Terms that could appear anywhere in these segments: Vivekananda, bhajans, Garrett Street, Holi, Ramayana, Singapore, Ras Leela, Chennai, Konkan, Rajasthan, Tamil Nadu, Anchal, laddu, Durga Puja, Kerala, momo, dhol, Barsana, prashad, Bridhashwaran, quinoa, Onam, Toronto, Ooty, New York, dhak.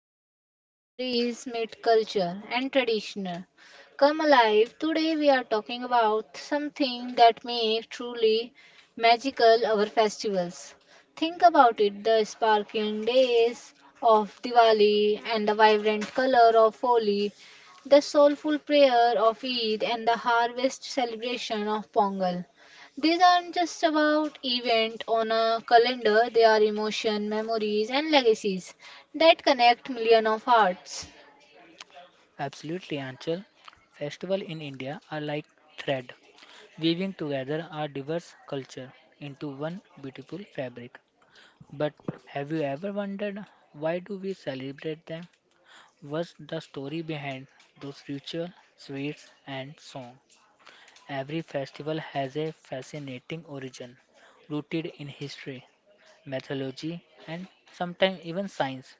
place where stories meet culture and traditional. Come alive, today we are talking about something that makes truly magical our festivals. Think about it the sparkling days of Diwali and the vibrant color of Holi, the soulful prayer of Eid and the harvest celebration of Pongal. These aren't just about event on a calendar, they are emotion, memories and legacies that connect million of hearts. Absolutely, Anchal. Festivals in India are like thread, weaving together our diverse culture into one beautiful fabric. But have you ever wondered why do we celebrate them? What's the story behind those rituals, sweets, and songs? Every festival has a fascinating origin, rooted in history, mythology, and sometimes even science.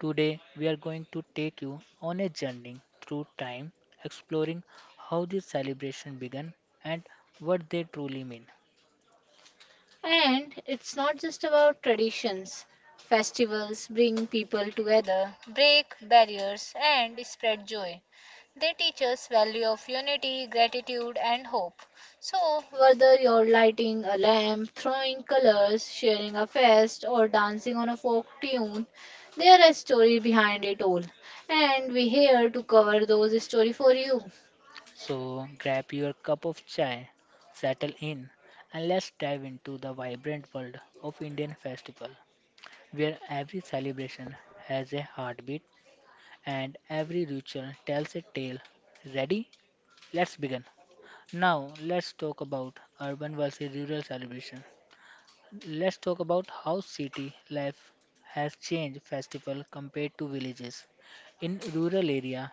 Today, we are going to take you on a journey through time, exploring how these celebrations began and what they truly mean. And it's not just about traditions. Festivals bring people together, break barriers, and spread joy. They teach us value of unity, gratitude, and hope. So, whether you're lighting a lamp, throwing colors, sharing a fest, or dancing on a folk tune, there is a story behind it all. And we're here to cover those stories for you. So, grab your cup of chai, settle in, and let's dive into the vibrant world of Indian festival, where every celebration has a heartbeat and every ritual tells a tale. Ready? Let's begin. Now, let's talk about urban versus rural celebration. Let's talk about how city life has changed festival compared to villages. In rural area,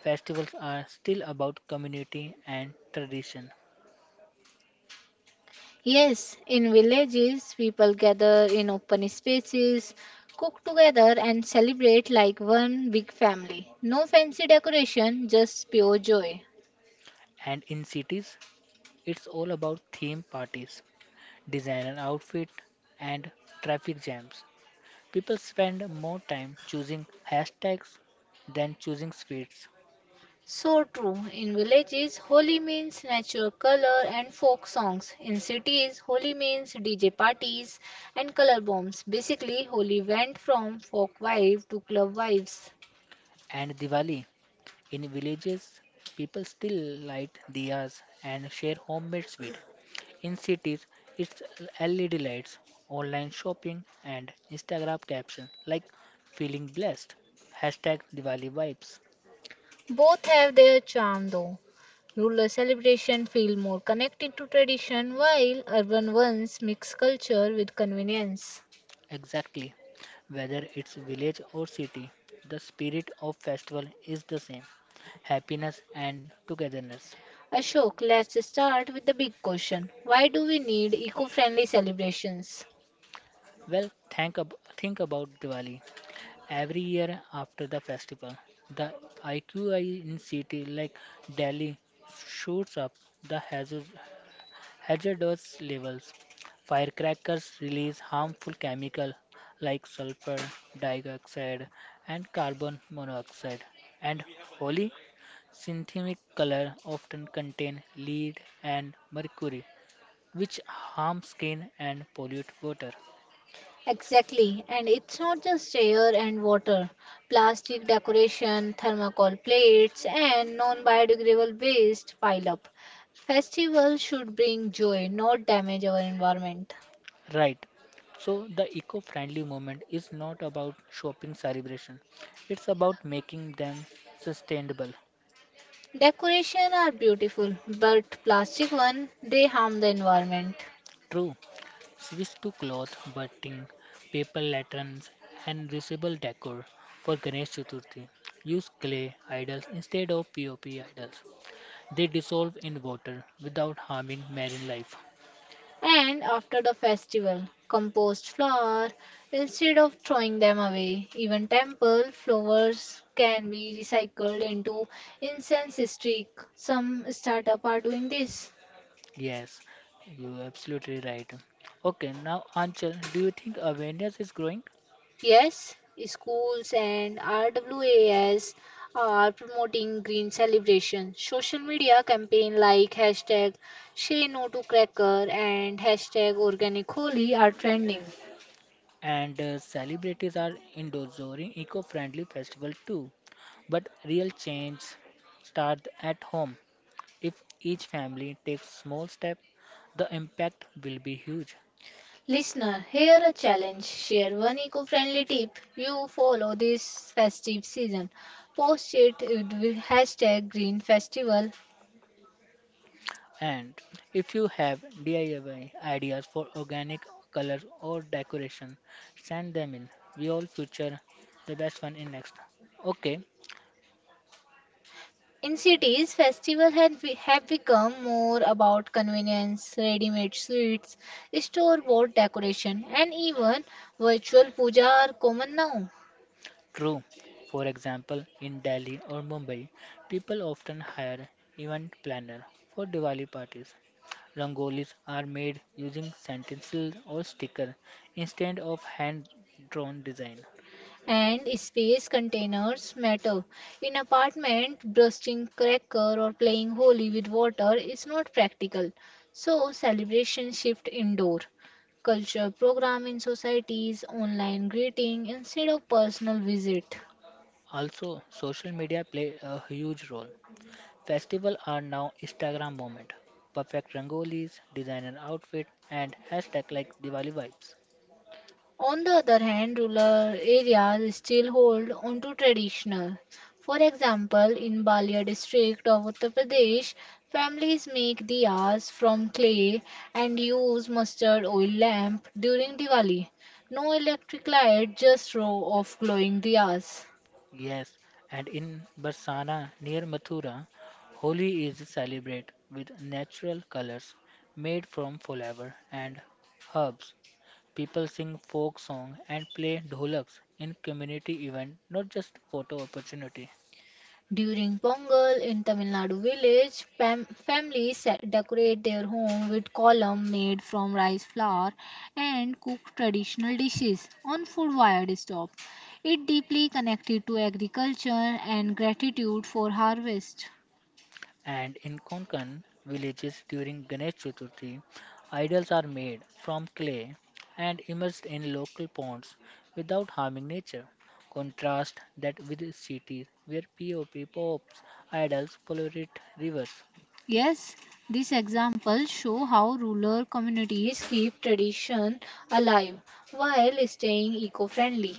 festivals are still about community and tradition. Yes, in villages, people gather in open spaces, cook together, and celebrate like one big family. No fancy decoration, just pure joy. And in cities, it's all about theme parties, designer outfit and traffic jams. People spend more time choosing hashtags than choosing sweets. So true. In villages, Holi means natural color and folk songs. In cities, Holi means DJ parties and color bombs. Basically, Holi went from folk vibe to club vibes. And Diwali, in villages, people still light diyas and share homemade sweet. In cities, it's LED lights, online shopping, and Instagram captions like feeling blessed. Hashtag Diwali vibes. Both have their charm though. Rural celebration feel more connected to tradition while urban ones mix culture with convenience. Exactly. Whether it's village or city, the spirit of festival is the same. Happiness and togetherness. Ashok, let's start with the big question. Why do we need eco-friendly celebrations? Well, think about Diwali. Every year after the festival, the IQI in city like Delhi shoots up. The hazardous levels. Firecrackers release harmful chemicals like sulfur dioxide and carbon monoxide, and holy synthetic color often contain lead and mercury, which harm skin and pollute water. Exactly, and it's not just air and water. Plastic decoration, thermocol plates, and non biodegradable waste pile up. Festivals should bring joy, not damage our environment. Right. So the eco-friendly movement is not about shopping celebration. It's about making them sustainable. Decoration are beautiful, but plastic one they harm the environment. True. Switch to cloth batting, paper lanterns, and reusable decor for Ganesh Chaturthi. Use clay idols instead of POP idols. They dissolve in water without harming marine life. And after the festival, compost flower instead of throwing them away. Even temple flowers can be recycled into incense stick. Some startup are doing this. Yes, you're absolutely right. Okay, now Anchal, do you think awareness is growing? Yes, schools and RWAS are promoting green celebration. Social media campaign like hashtag say no to cracker and hashtag organic Holi are trending. And celebrities are endorsing eco-friendly festival too. But real change starts at home. If each family takes small step, the impact will be huge. Listener, here a challenge. Share one eco-friendly tip you follow this festive season. Post it with hashtag green festival. And if you have DIY ideas for organic colors or decoration, send them in. We all feature the best one in next. Okay, In cities, festivals have become more about convenience, ready-made sweets, store-bought decoration, and even virtual puja are common now. true. For example, in Delhi or Mumbai, people often hire event planner for Diwali parties. Rangolis are made using stencil or sticker instead of hand drawn design. And space containers matter. In apartment, bursting cracker or playing holy with water is not practical. So celebration shift indoor culture program in societies, online greeting instead of personal visit. Also, social media play a huge role. Festivals are now Instagram moment. Perfect rangolis, designer outfit, and hashtag like Diwali vibes. On the other hand, rural areas still hold on to traditional. For example, in Balia district of Uttar Pradesh, families make diyas from clay and use mustard oil lamp during Diwali. No electric light, just row of glowing diyas. Yes, and in Barsana near Mathura, Holi is celebrated with natural colors made from flower and herbs. People sing folk song and play dholaks in community event, not just photo opportunity. During Pongal in Tamil Nadu village, decorate their home with column made from rice flour and cook traditional dishes on food wired stove. It deeply connected to agriculture and gratitude for harvest. And in Konkan villages during Ganesh Chaturthi, idols are made from clay and immersed in local ponds without harming nature. Contrast that with cities where POP pops idols pollute rivers. Yes, these examples show how rural communities keep tradition alive while staying eco-friendly.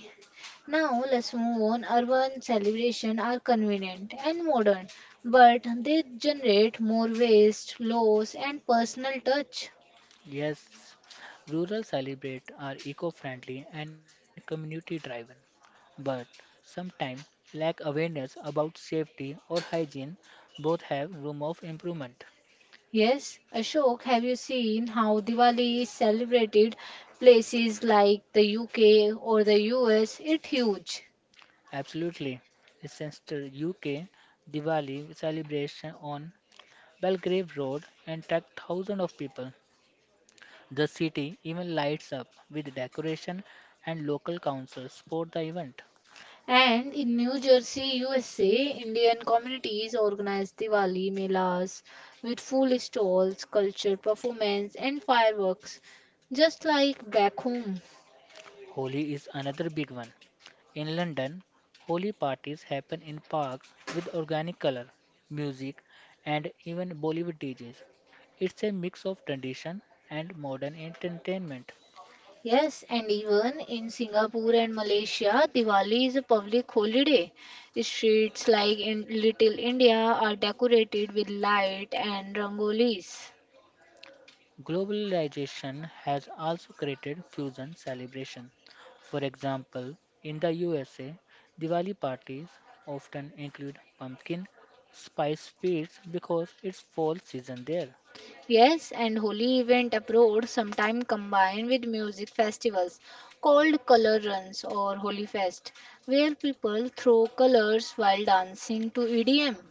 Now let's move on. Urban celebrations are convenient and modern, but they generate more waste, loss, and personal touch. Yes, rural celebrate are eco-friendly and community-driven, but sometimes lack awareness about safety or hygiene. Both have room of improvement. Yes, Ashok, have you seen how Diwali is celebrated places like the UK or the US? It's huge. Absolutely. Leicester, UK, Diwali celebration on Belgrave Road attract thousands of people. The city even lights up with decoration and local councils support the event. And in New Jersey, USA, Indian communities organize Diwali melas with full stalls, culture performance, and fireworks, just like back home. Holi is another big one. In London, Holi parties happen in parks with organic color, music, and even Bollywood DJs. It's a mix of tradition and modern entertainment. Yes, and even in Singapore and Malaysia, Diwali is a public holiday. Streets like in Little India are decorated with light and rangolis. Globalization has also created fusion celebration. For example, in the USA, Diwali parties often include pumpkin spice feasts because it's fall season there. Yes, and holy event abroad sometimes combined with music festivals called color runs or holy fest, where people throw colors while dancing to EDM.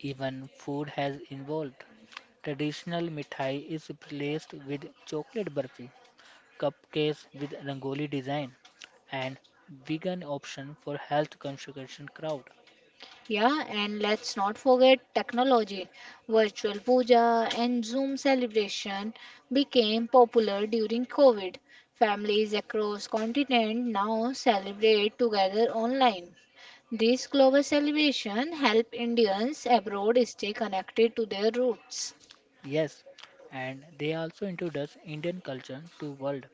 Even food has evolved. Traditional mithai is replaced with chocolate burfi, cupcakes with rangoli design, and vegan option for health conscious crowd. Yeah, and let's not forget technology. Virtual puja and Zoom celebration became popular during COVID. Families across continent now celebrate together online. This global celebration help Indians abroad stay connected to their roots. Yes, and they also introduced Indian culture to world.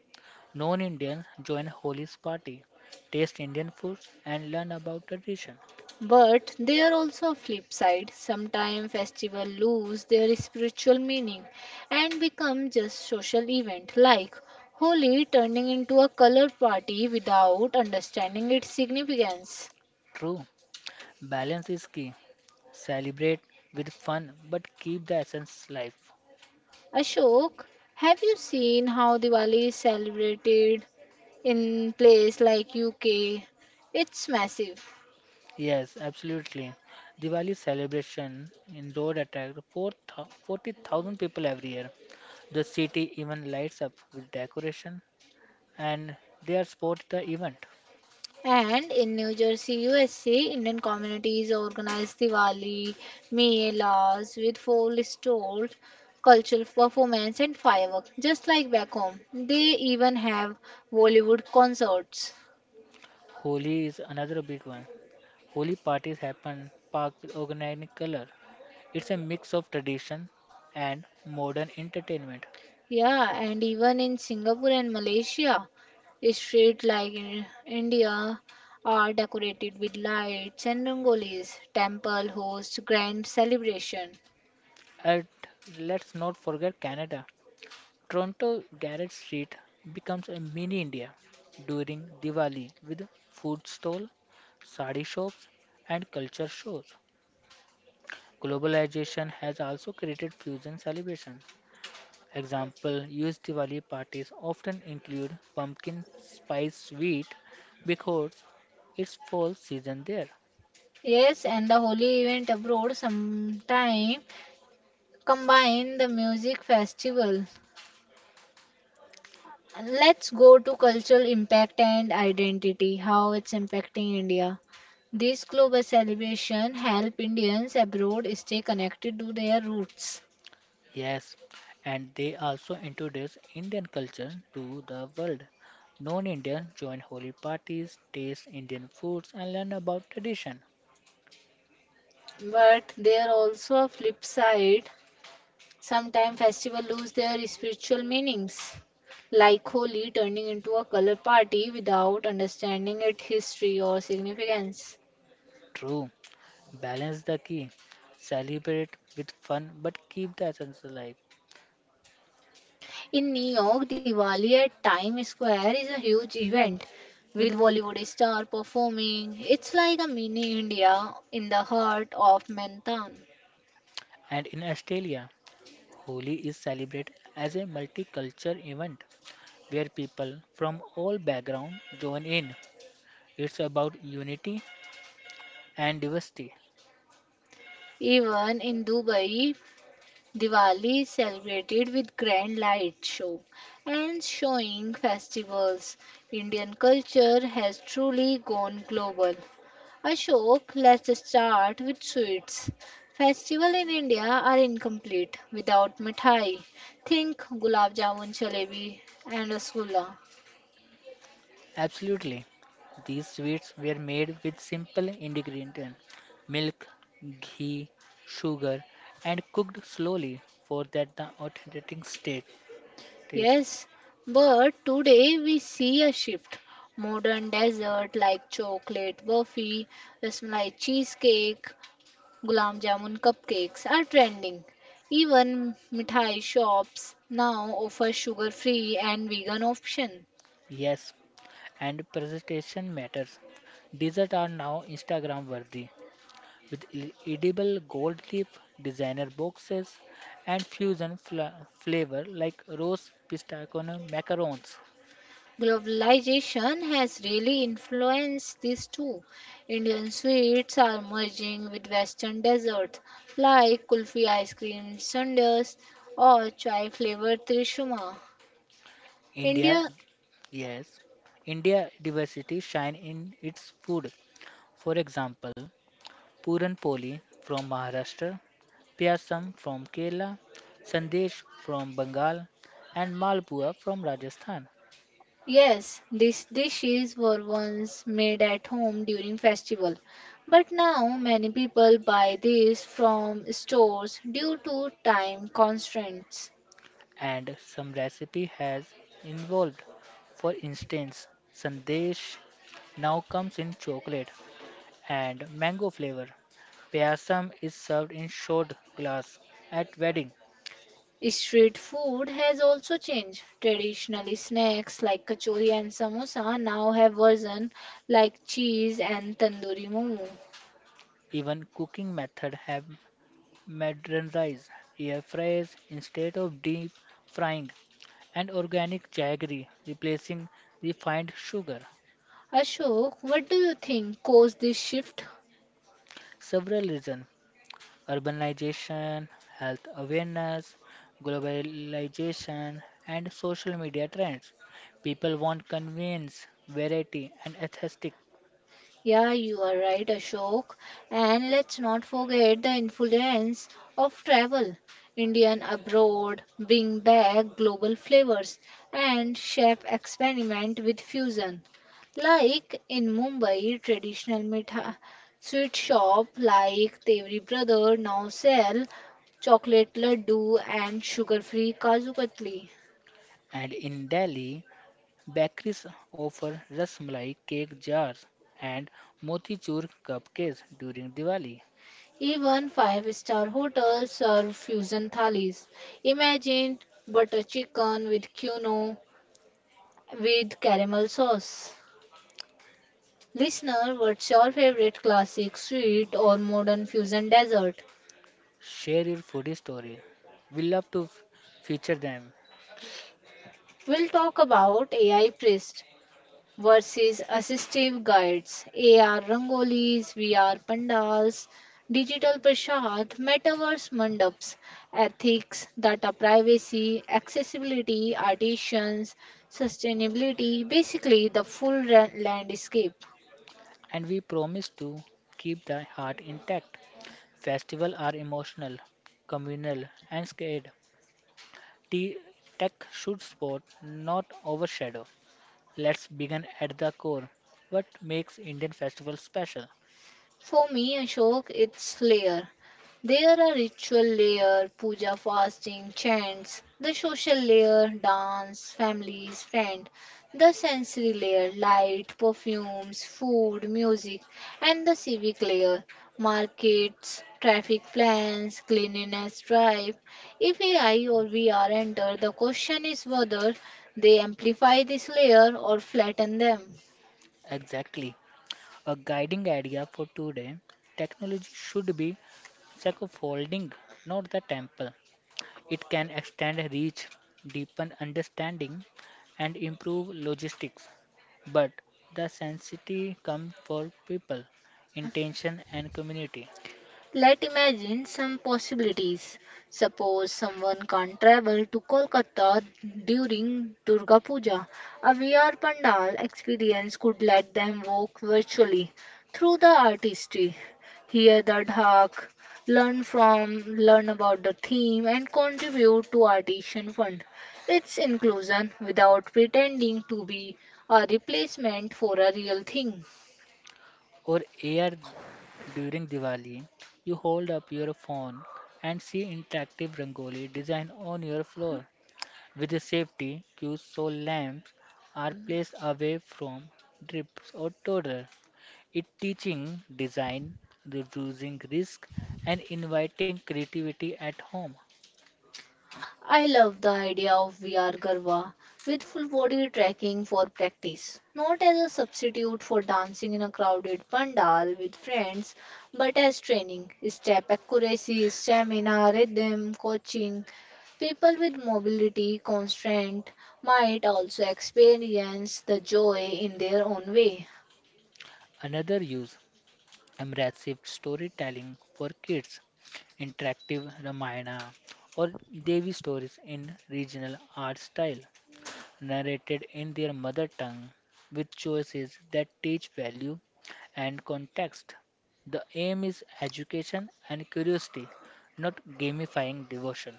Non-Indians join Holi's party, taste Indian foods and learn about tradition. But there are also a flip side. Sometimes festivals lose their spiritual meaning and become just social event like Holi turning into a color party without understanding its significance. True, balance is key. Celebrate with fun but keep the essence alive. Ashok, have you seen how Diwali is celebrated in place like UK? It's massive. Yes, absolutely. Diwali celebration in road attract 40,000 people every year. The city even lights up with decoration and they are sport the event. And in New Jersey, USA, Indian communities organize Diwali, melas with full stalls, cultural performance, and fireworks, just like back home. They even have Bollywood concerts. Holi is another big one. Holi parties happen parked with organic color. It's a mix of tradition and modern entertainment. Yeah, and even in Singapore and Malaysia, streets like in India are decorated with lights and rangolis. Temple hosts grand celebration. And let's not forget Canada. Toronto Garrett Street becomes a mini India during Diwali with food stall, sari shops and culture shows. Globalization has also created fusion celebration. Example used Diwali parties often include pumpkin spice sweet because it's fall season there. Yes, and the holy event abroad sometime combine the music festival. Let's go to cultural impact and identity, how it's impacting India. These global celebration help Indians abroad stay connected to their roots. Yes, and they also introduce Indian culture to the world. Non-Indian join holy parties, taste Indian foods and learn about tradition. But there are also a flip side. Sometimes festivals lose their spiritual meanings, like Holi turning into a color party without understanding its history or significance. True, balance the key. Celebrate with fun but keep the essence alive. In New York, Diwali at Times Square is a huge event with Bollywood star performing. It's like a mini India in the heart of Manhattan. And in Australia, Holi is celebrated as a multicultural event where people from all backgrounds join in. It's about unity and diversity. Even in Dubai, Diwali is celebrated with grand light show and showing festivals. Indian culture has truly gone global. Ashok, let's start with sweets. Festival in India are incomplete without mithai. Think gulab jamun, jalebi, and rasgulla. Absolutely. These sweets were made with simple ingredients milk, ghee, sugar, and cooked slowly for that the authentic state taste. Yes, but today we see a shift. Modern dessert like chocolate burfi, rasmalai cheesecake, gulam jamun cupcakes are trending. Even mithai shops now offer sugar-free and vegan option. Yes, and presentation matters. Desserts are now Instagram worthy, with edible gold leaf, designer boxes, and fusion flavor like rose, pistachio, macarons. Globalization has really influenced this too. Indian sweets are merging with Western desserts like kulfi ice cream sundaes or chai flavored trishuma. India, India, yes, India diversity shine in its food. For example, Puran Poli from Maharashtra, Pyasam from Kerala, Sandesh from Bengal, and Malpua from Rajasthan. yes, these dishes were once made at home during festival, but now many people buy these from stores due to time constraints. And some recipe has involved. For instance, sandesh now comes in chocolate and mango flavor. Payasam is served in short glass at wedding. Street food has also changed. Traditionally, snacks like kachori and samosa now have version like cheese and tandoori momo. Even cooking method have modernized. Air fries instead of deep frying and organic jaggery replacing refined sugar. Ashok, what do you think caused this shift? Several reasons urbanization, health awareness, globalization, and social media trends. People want convenience, variety, and aesthetic. Yeah, you are right, Ashok. And let's not forget the influence of travel. Indian abroad bring back global flavors and chef experiment with fusion. Like in Mumbai, traditional mitha sweet shop like Tevri Brother now sell chocolate laddu and sugar-free kaju katli. And in Delhi, bakeries offer rasmalai cake jars and motichur cupcakes during Diwali. Even five-star hotels serve fusion thalis. Imagine butter chicken with quinoa with caramel sauce. Listener, what's your favorite classic sweet or modern fusion dessert? Share your foodie story. We love to feature them, We'll talk about AI Priest, versus assistive guides, AR rangolis, VR pandals, digital prashad, metaverse mandaps, ethics, data privacy, accessibility, artisans, sustainability, basically the full landscape. and we promise to keep the heart intact. Festivals are emotional, communal, and scared. T- Tech should support, not overshadow. Let's begin at the core. What makes Indian festivals special? For me, Ashok, it's layer. There are ritual layer, puja, fasting, chants, the social layer, dance, families, friend, the sensory layer, light, perfumes, food, music, and the civic layer, markets, traffic plans, cleanliness drive. If AI or VR enter, the question is whether they amplify this layer or flatten them. Exactly. A guiding idea for today technology should be scaffolding, not the temple. It can extend reach, deepen understanding, and improve logistics. But the sensitivity comes for people, intention, and community. Let's imagine some possibilities. Suppose someone can't travel to Kolkata during Durga Puja. A VR Pandal experience could let them walk virtually through the artistry, hear the dhak, learn about the theme, and contribute to Artisan Fund. It's inclusion without pretending to be a replacement for a real thing. Or air during Diwali, you hold up your phone and see interactive rangoli design on your floor. With the safety cues so lamps are placed away from drips or toddler. It teaching design, reducing risk and inviting creativity at home. I love the idea of VR Garba with full body tracking for practice, not as a substitute for dancing in a crowded pandal with friends, but as training, step accuracy, stamina, rhythm, coaching. People with mobility constraint might also experience the joy in their own way. Another use, immersive storytelling for kids interactive Ramayana or Devi stories in regional art style, narrated in their mother tongue with choices that teach value and context. The aim is education and curiosity, not gamifying devotion.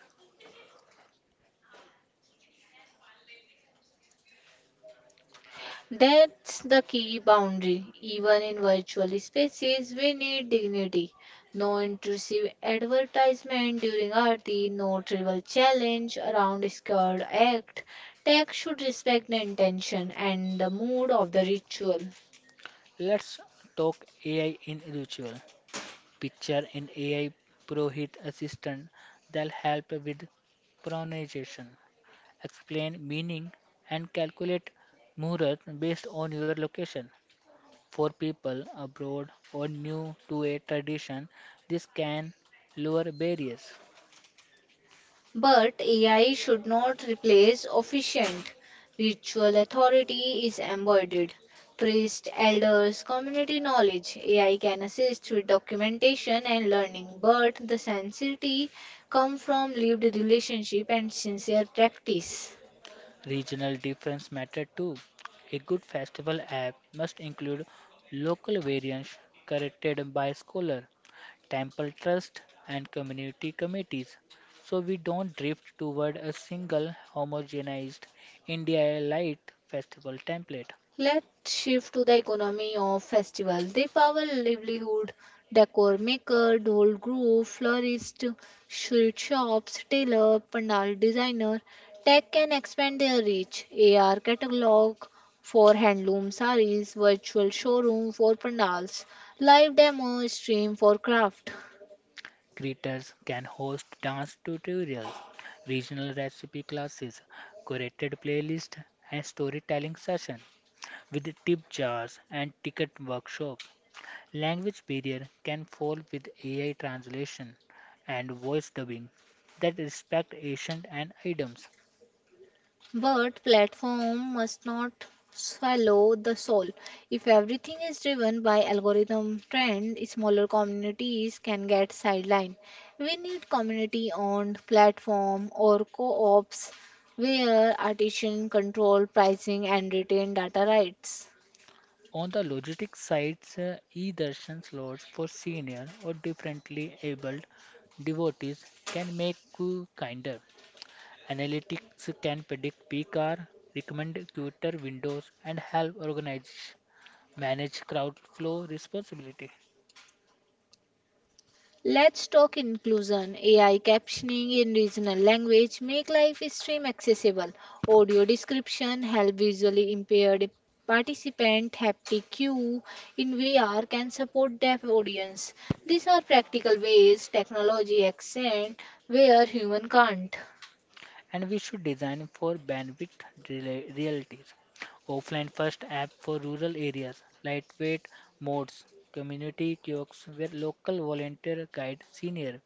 That's the key boundary. Even in virtual spaces, we need dignity. No intrusive advertisement during Aarti, no trivial challenge around scared act. Tech should respect the intention and the mood of the ritual. Let's talk AI in ritual. Picture an AI Prohit assistant that'll help with pronunciation, explain meaning, and calculate muhurat based on your location. For people abroad or new to a tradition, this can lower barriers. But AI should not replace officiant. Ritual authority is embodied. Priests, elders, community knowledge. AI can assist with documentation and learning, but the sincerity comes from lived relationship and sincere practice. Regional difference matter too. A good festival app must include local variants corrected by scholar, temple trust and community committees so we don't drift toward a single homogenized India light festival template. Let's shift to the economy of festivals. They power livelihood, decor maker, dhol group, florist, sweet shops, tailor, pandal designer. Tech can expand their reach. AR catalog for handloom sarees, virtual showroom for pandals, live demo stream for craft. Creators can host dance tutorials, regional recipe classes, curated playlists, and storytelling sessions with tip jars and ticket workshops. Language barrier can fall with AI translation and voice dubbing that respect ancient and items. But platform must not swallow the soul. If everything is driven by algorithm trend, smaller communities can get sidelined. We need community-owned platform or co-ops where artisans control pricing and retain data rights. On the logistics sites, e-darshan slots for senior or differently abled devotees can make you kinder. Analytics can predict peak hour, recommend Twitter, windows, and help organizations manage crowd flow responsibility. Let's talk inclusion. AI captioning in regional language make live stream accessible. Audio description help visually impaired participant. Haptic cue in VR can support deaf audience. These are practical ways technology accent where human can't. And we should design for bandwidth realities. Offline first app for rural areas, lightweight modes, community kiosks where local volunteer guide senior,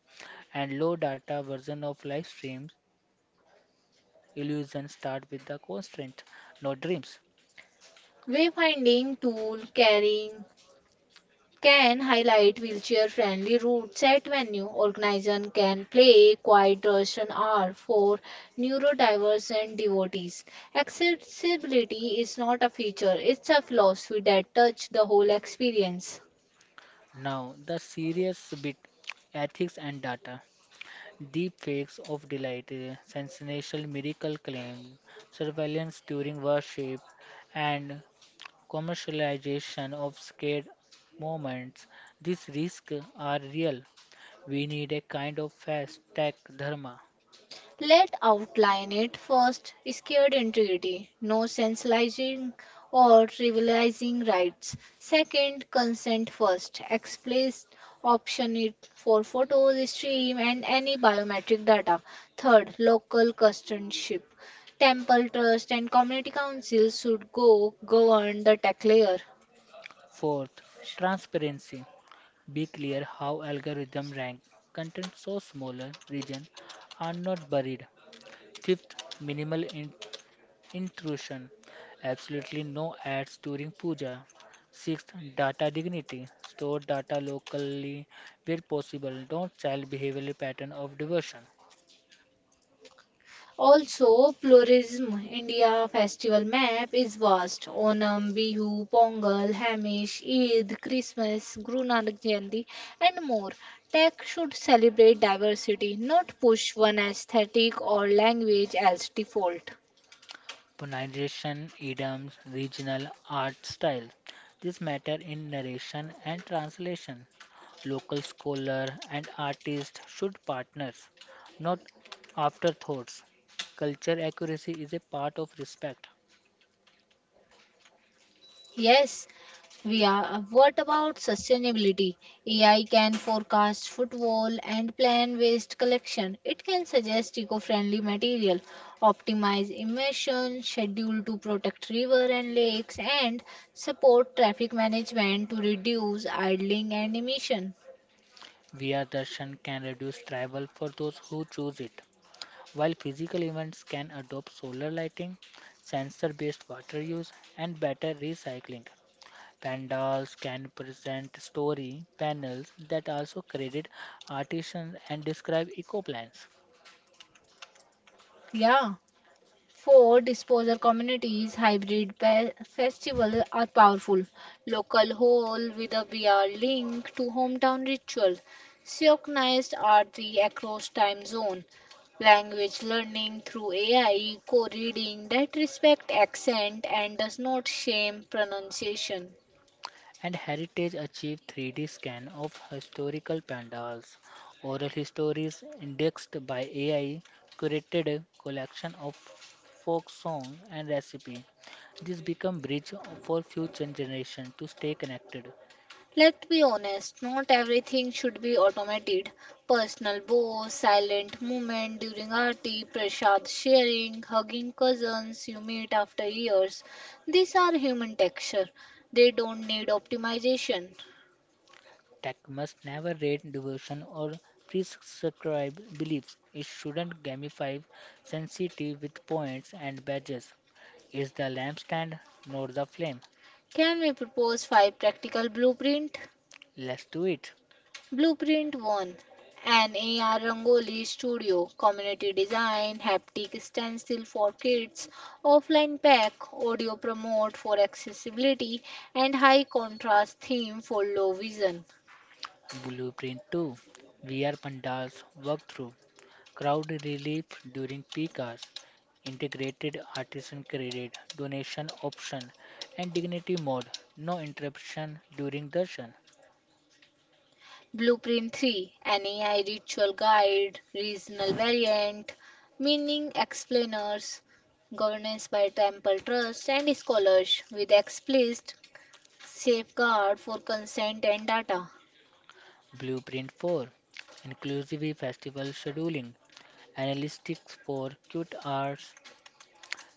and low data version of live streams. Illusions start with the constraint, not dreams. Wayfinding tool carrying can highlight wheelchair friendly routes at venue. Organizers can play quiet Russian hour for neurodivergent devotees. Accessibility is not a feature, it's a philosophy that touches the whole experience. Now, the serious bit ethics and data. Deep fakes of delight, sensational miracle claim, surveillance during worship, and commercialization of scared moments. These risks are real. We need a kind of fast tech dharma. Let outline it first. Scared integrity, no sensationalizing or trivializing rights. Second, consent first. Explicit option it for photos, stream, and any biometric data. Third, local custodianship. Temple trust and community councils should go govern the tech layer. Fourth, transparency. Be clear how algorithm rank content so smaller region are not buried. Fifth, minimal intrusion, absolutely no ads during puja. Sixth, data dignity, store data locally where possible, don't child behavioral pattern of diversion. Also, Florism India festival map is vast. Onam, Bihu, Pongal, Hamish, Eid, Christmas, Guru Nanak Jayanti, and more. Tech should celebrate diversity, not push one aesthetic or language as default. Pronunciation, idioms, regional art styles. This matter in narration and translation. Local scholar and artist should partners, not afterthoughts. Culture accuracy is a part of respect. Yes, we are. What about sustainability? AI can forecast footfall and plan waste collection. It can suggest eco-friendly material, optimize emission, schedule to protect river and lakes, and support traffic management to reduce idling and emission. Via Viyadarshan can reduce travel for those who choose it. While physical events can adopt solar lighting, sensor-based water use, and better recycling. Pandals can present story panels that also credit artisans and describe eco plans. Yeah. Four disposer communities hybrid festival are powerful. Local hall with a VR link to hometown ritual. Synchronized arti across time zone. Language learning through AI, co-reading that respect accent and does not shame pronunciation. And Heritage achieved 3D scan of historical pandals. Oral histories indexed by AI curated collection of folk song and recipe. This become bridge for future generation to stay connected. Let's be honest, not everything should be automated. Personal bows, silent movement during arti, prasad sharing, hugging cousins you meet after years. These are human texture. They don't need optimization. Tech must never rate devotion or prescribe beliefs. It shouldn't gamify sensitivity with points and badges. Is the lampstand not the flame? Can we propose five practical blueprint? Let's do it. Blueprint 1, an AR Rangoli Studio Community Design Haptic Stencil for Kids, Offline Pack Audio Promote for Accessibility, and High Contrast Theme for Low Vision. Blueprint 2, VR Pandals walkthrough, crowd relief during peak hours, integrated artisan credit donation option, and dignity mode, no interruption during darshan. Blueprint 3, an AI Ritual Guide Regional Variant, Meaning Explainers, Governance by Temple Trust and Scholars with explicit safeguard for consent and data. Blueprint 4, Inclusive festival scheduling, analytics for cute arts,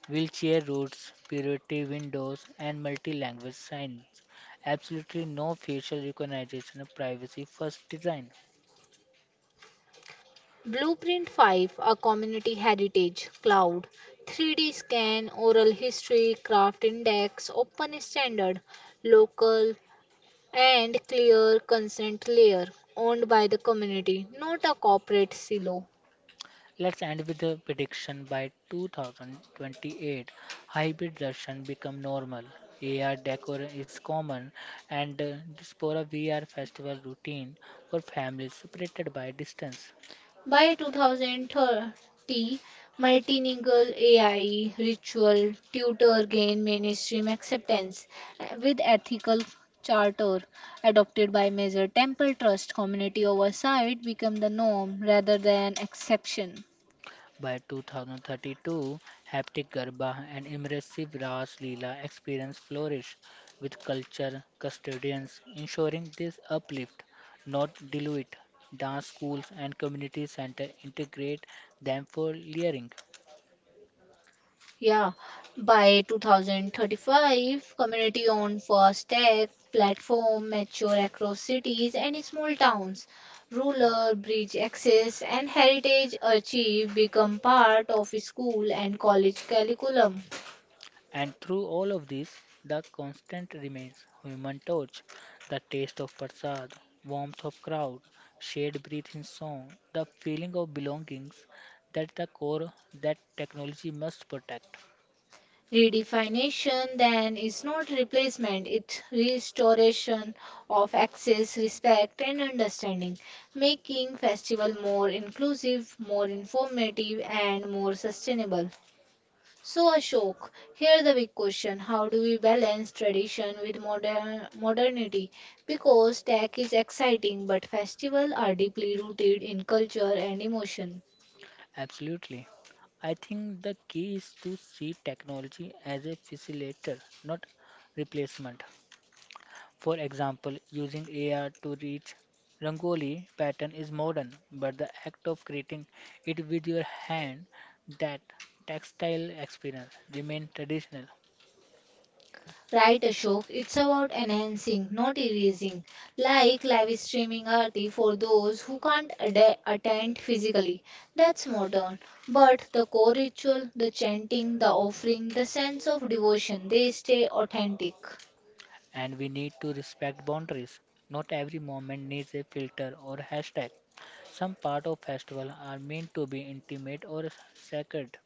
wheelchair routes, priority windows, and multi language signs. Absolutely no facial recognition, privacy first design. Blueprint 5, a Community Heritage Cloud, 3D Scan Oral History Craft Index Open Standard Local and Clear Consent Layer, owned by the community, not a corporate silo. Let's end with a prediction by 2028. Hybrid Russian become normal. AR decor is common and Diaspora VR festival routine for families separated by distance. By 2030, multilingual AI ritual tutor gain mainstream acceptance, with ethical charter adopted by major temple trust community oversight become the norm rather than exception. By 2032, haptic garba and immersive Ras Leela experience flourish with culture custodians ensuring this uplift, not dilute. Dance schools and community center integrate them for learning. Yeah, by 2035, community owned first tech platform mature across cities and small towns. Ruler, bridge access, and heritage achieve become part of school and college curriculum. And through all of this, the constant remains human touch, the taste of prasad, warmth of crowd, shared breath in song, the feeling of belongings that the core that technology must protect. Redefinition then is not replacement, it's restoration of access, respect, and understanding, making festival more inclusive, more informative, and more sustainable. So, Ashok, here the big question: how do we balance tradition with modernity? Because tech is exciting, but festivals are deeply rooted in culture and emotion. Absolutely. I think the key is to see technology as a facilitator, not replacement. For example, using AR to reach Rangoli pattern is modern, but the act of creating it with your hand, that textile experience, remains traditional. Right, Ashok, it's about enhancing, not erasing, like live streaming arti for those who can't attend physically. That's modern. But the core ritual, the chanting, the offering, the sense of devotion, they stay authentic. And we need to respect boundaries. Not every moment needs a filter or hashtag. Some part of festival are meant to be intimate or sacred.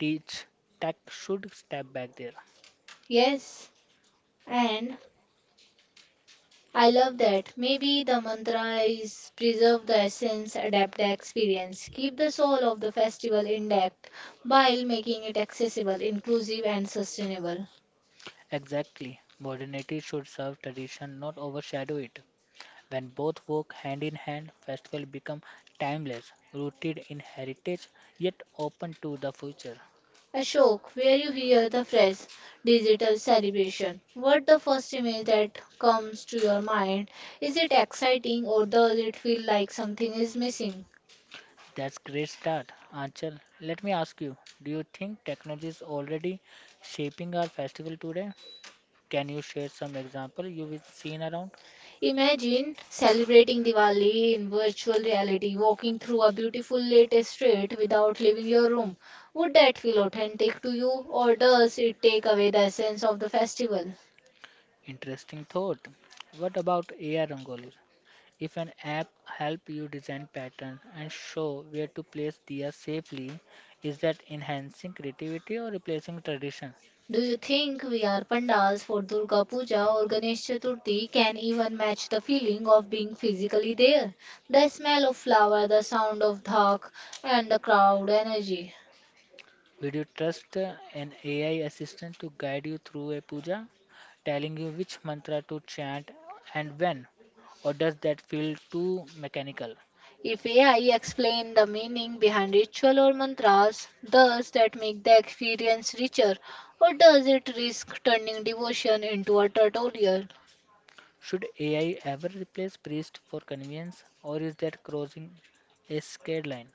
Teach tech should step back there. Yes. And I love that. Maybe the mantra is preserve the essence, adapt the experience, keep the soul of the festival intact while making it accessible, inclusive, and sustainable. Exactly. Modernity should serve tradition, not overshadow it. When both work hand in hand, festivals become timeless, rooted in heritage, yet open to the future. Ashok, where you hear the phrase digital celebration, what the first image that comes to your mind? Is it exciting or does it feel like something is missing? That's great start. Anchal, let me ask you, do you think technology is already shaping our festival today? Can you share some example you've seen around? Imagine celebrating Diwali in virtual reality, walking through a beautiful lit street without leaving your room. Would that feel authentic to you, or does it take away the essence of the festival? Interesting thought. What about AI Rangoli? If an app help you design patterns and show where to place diya safely, is that enhancing creativity or replacing tradition? Do you think we are pandals for Durga Puja or Ganesh Chaturthi can even match the feeling of being physically there? The smell of flower, the sound of dhak, and the crowd energy. Would you trust an AI assistant to guide you through a puja, telling you which mantra to chant and when? Or does that feel too mechanical? If AI explained the meaning behind ritual or mantras, does that make the experience richer or does it risk turning devotion into a tutorial? Should AI ever replace priests for convenience, or is that crossing a scared line?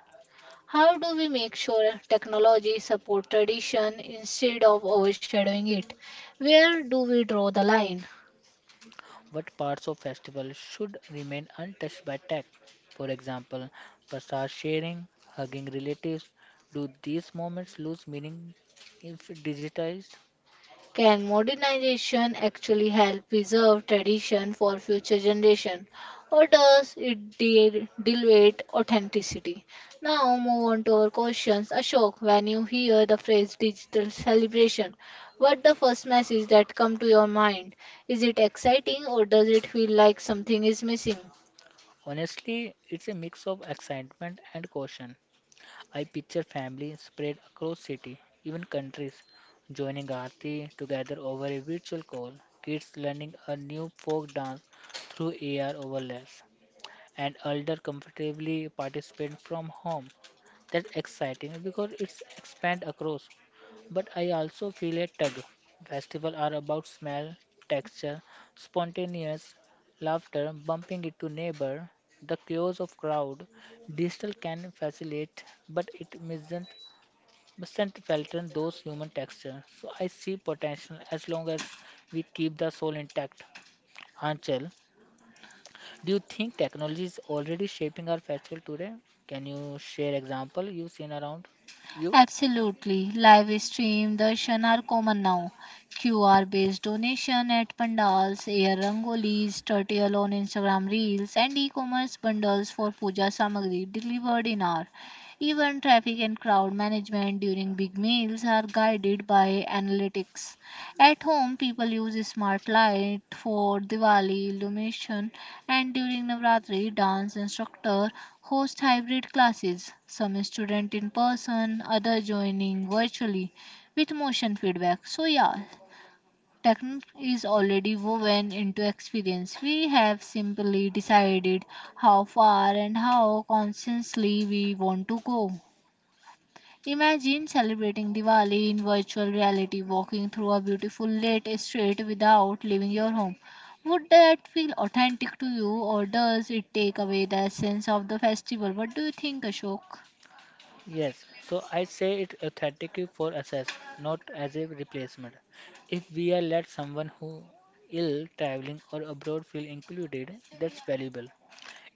How do we make sure technology supports tradition instead of overshadowing it? Where do we draw the line? What parts of festival should remain untouched by tech? For example, prasad sharing, hugging relatives. Do these moments lose meaning if digitized? Can modernization actually help preserve tradition for future generation, or does it dilute authenticity? Now move on to our questions. Ashok, when you hear the phrase digital celebration, what the first message that come to your mind? Is it exciting or does it feel like something is missing? Honestly, it's a mix of excitement and caution. I picture families spread across city, even countries, joining Aarti together over a virtual call, kids learning a new folk dance through AR overlays, and elder comfortably participate from home. That's exciting because it's expand across. But I also feel a tug. Festivals are about smell, texture, spontaneous laughter, bumping into neighbor, the chaos of crowd. Digital can facilitate, but it mustn't falter those human texture. So I see potential as long as we keep the soul intact. Anchal, do you think technology is already shaping our festival today? Can you share example you've seen around you? Absolutely. Live stream darshan are common now. QR based donation at pandals, air rangolis, turtle on Instagram reels, and e commerce bundles for puja samagri delivered in hour. Even traffic and crowd management during big meals are guided by analytics. At home, people use smart light for Diwali illumination, and during Navratri, dance instructor host hybrid classes. Some student in person, other joining virtually with motion feedback. So yeah, technique is already woven into experience. We have simply decided how far and how consciously we want to go. Imagine celebrating Diwali in virtual reality, walking through a beautiful lit street without leaving your home. Would that feel authentic to you, or does it take away the essence of the festival? What do you think, Ashok? Yes, so I say it authentically for access, not as a replacement. If we are let someone who ill, traveling or abroad feel included, that's valuable.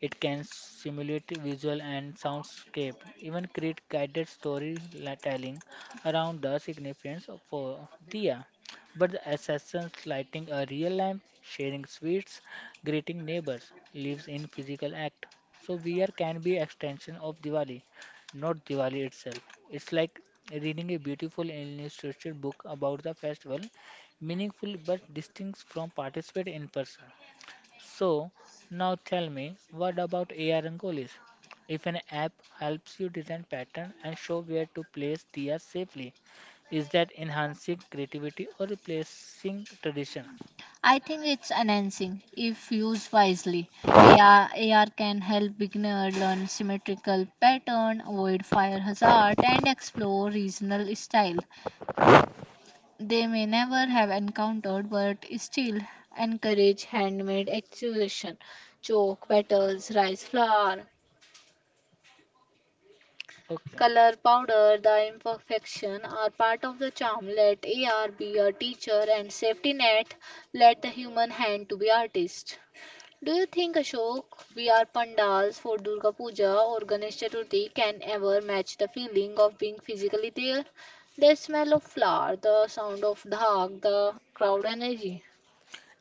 It can simulate visual and soundscape, even create guided storytelling around the significance of for Diya. But the assassins lighting a real lamp, sharing sweets, greeting neighbors, lives in physical act. So VR can be extension of Diwali, not Diwali itself. It's like reading a beautiful illustrated book about the festival, meaningful but distinct from participate in person. So, now tell me, what about AI Rangolis? If an app helps you design pattern and show where to place diya safely, is that enhancing creativity or replacing tradition? I think it's enhancing if used wisely. AR can help beginner learn symmetrical pattern, avoid fire hazard, and explore regional style they may never have encountered, but still encourage handmade exhibition. Chalk petals, rice flour, Okay. color powder, the imperfection are part of the charm. Let AR be your teacher and safety net. Let the human hand to be artist. Do you think, Ashok, we are pandals for Durga Puja or Ganesh Chaturthi can ever match the feeling of being physically there? The smell of flour, the sound of dhak, the crowd energy.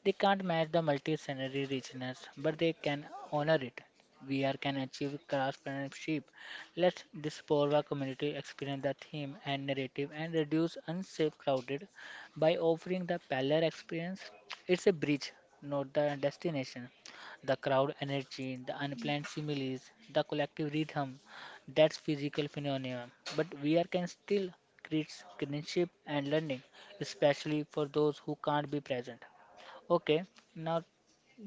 They can't match the multi-scenery richness, but they can honor it. VR can achieve craftsmanship. Let Diaspora community experience the theme and narrative and reduce unsafe crowded by offering the parallel experience. It's a bridge, not the destination. The crowd energy, the unplanned similes, the collective rhythm, that's physical phenomena. But VR can still create kinship and learning, especially for those who can't be present. Okay, now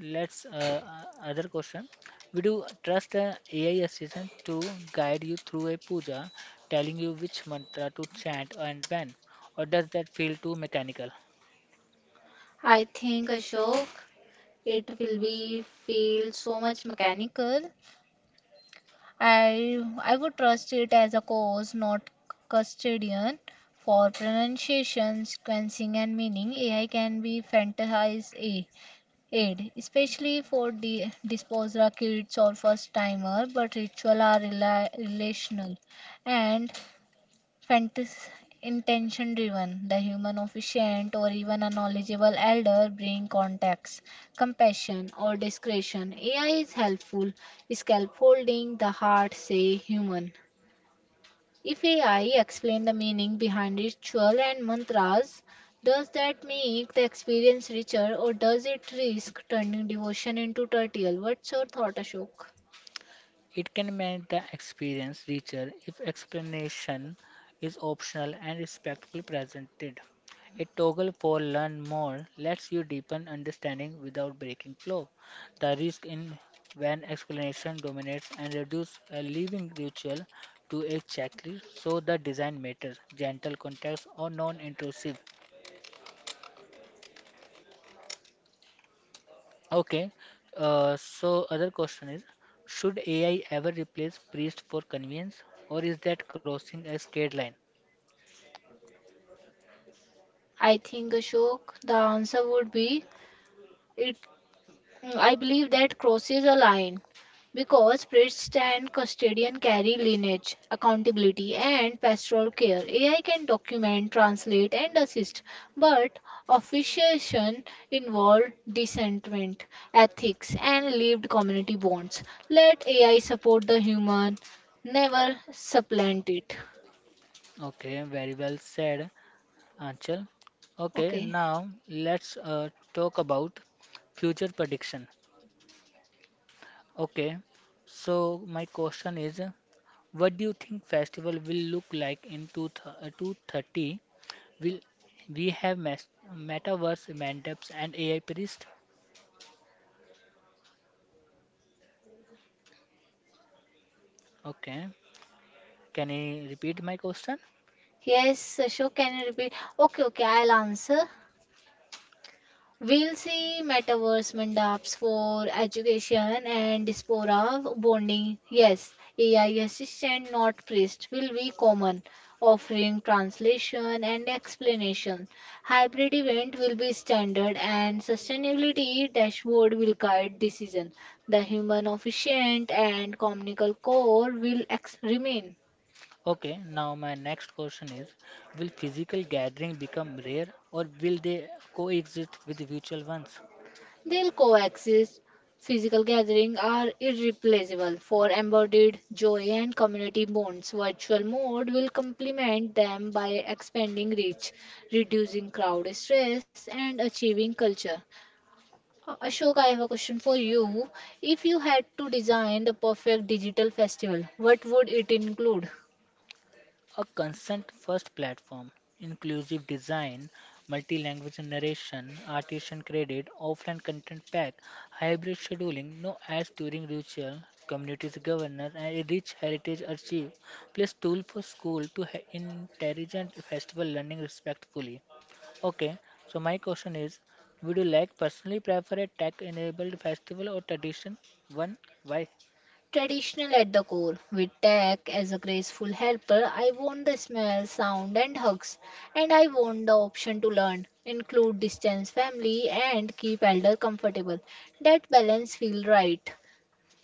let's other question. Would you trust an AI assistant to guide you through a puja, telling you which mantra to chant and when, or does that feel too mechanical? I think, Ashok, it will be feel so much mechanical. I would trust it as a course, not custodian. For pronunciation, sequencing, and meaning, AI can be fantasized a aid, especially for the disposer kids or first timer. But ritual are relational, and fantas- intention driven. The human officiant or even a knowledgeable elder bring context, compassion, or discretion. AI is helpful, scaffolding the heart, say human. If AI explain the meaning behind ritual and mantras, does that make the experience richer or does it risk turning devotion into tertial? What's your thought, Ashok? It can make the experience richer if explanation is optional and respectfully presented. A toggle for learn more lets you deepen understanding without breaking flow. The risk in when explanation dominates and reduce a living ritual to a checklist, so the design matters, gentle context or non-intrusive. Okay, so other question is, should AI ever replace priest for convenience, or is that crossing a scared line? I think, Ashok, the answer would be it. Mm, I believe that crosses a line because priests and custodian carry lineage, accountability, and pastoral care. AI can document, translate, and assist, but officiation involves dissentment, ethics, and lived community bonds. Let AI support the human, never supplant it. Okay, very well said, Anchal. Okay, Okay. now let's talk about future prediction. Okay, so my question is, what do you think festival will look like in 2230? Will we have mes metaverse mandaps and AI priest? Okay, can I repeat my question? Yes, Ashok, can you repeat? Okay, okay, I'll answer. We'll see metaverse mandaps for education and diaspora bonding. Yes, AI assistant, not priest, will be common, offering translation and explanation. Hybrid event will be standard, and sustainability dashboard will guide decision. The human efficient and communal core will remain. Okay, now my next question is, will physical gathering become rare or will they coexist with virtual ones? They'll coexist. Physical gatherings are irreplaceable for embodied joy and community bonds. Virtual mode will complement them by expanding reach, reducing crowd stress, and achieving culture. Ashok, I have a question for you. If you had to design the perfect digital festival, what would it include? A consent first platform, inclusive design, multi language narration, artisan credit, offline content pack, hybrid scheduling, no ads during ritual, communities governance, and a rich heritage archive, plus tool for school to intelligent festival learning respectfully. Okay, so my question is, would you like personally prefer a tech enabled festival or tradition? One, why? Traditional at the core, with tech as a graceful helper, I want the smell, sound, and hugs, and I want the option to learn, include distance family, and keep elder comfortable. That balance feel right.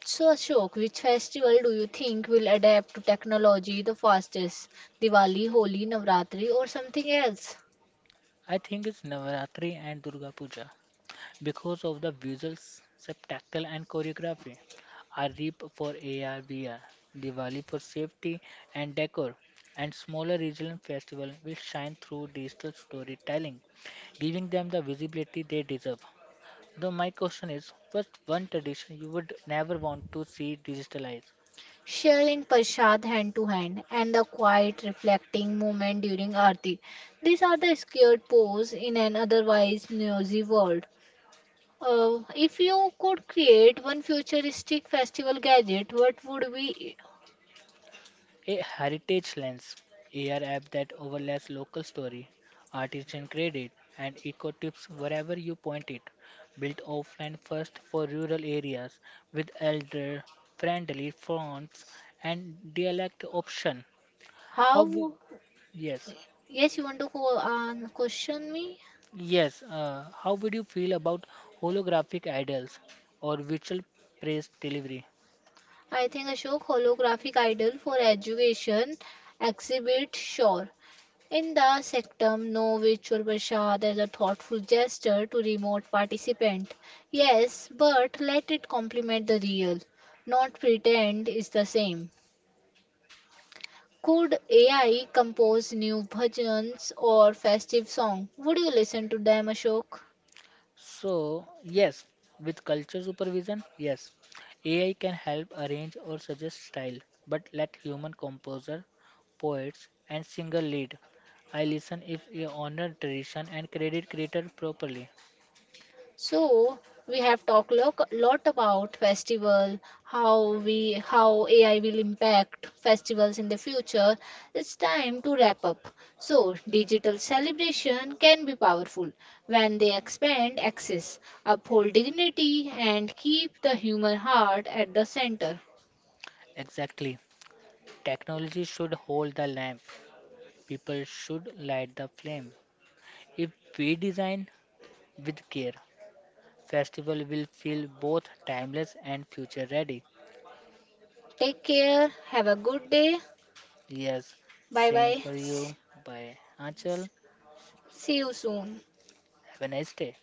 So, Ashok, which festival do you think will adapt to technology the fastest? Diwali, Holi, Navratri, or something else? I think it's Navaratri and Durga Puja, because of the visuals, spectacle, and choreography. A Reap for AR Diwali for safety and decor, and smaller regional festival will shine through digital storytelling, giving them the visibility they deserve. Now my question is, what's one tradition you would never want to see digitalized? Sharing prasad hand to hand, and the quiet reflecting moment during aarti. These are the scared pose in an otherwise noisy world. If you could create one futuristic festival gadget, what would be? A Heritage Lens, AR app that overlays local story, artisan credit, and eco tips wherever you point it. Built offline first for rural areas with elder friendly fonts and dialect option. How How? w- yes. Yes, you want to question me? Yes, how would you feel about holographic idols or virtual praise delivery? I think, Ashok, holographic idol for education exhibit sure. In the sectum, no virtual prashad as a thoughtful gesture to remote participant. Yes, but let it complement the real, not pretend is the same. Could AI compose new bhajans or festive song? Would you listen to them, Ashok? So, yes, with culture supervision, yes, AI can help arrange or suggest style, but let human composer, poets, and singer lead. I listen if you honor tradition and credit creator properly. So we have talked lot about festival, how AI will impact festivals in the future. It's time to wrap up. So digital celebration can be powerful when they expand access, uphold dignity, and keep the human heart at the center. Exactly. Technology should hold the lamp. People should light the flame. If we design with care, festival will feel both timeless and future ready. Take care. Have a good day. Yes, Bye same bye. for you. Bye, Anchal. See you soon. Have a nice day.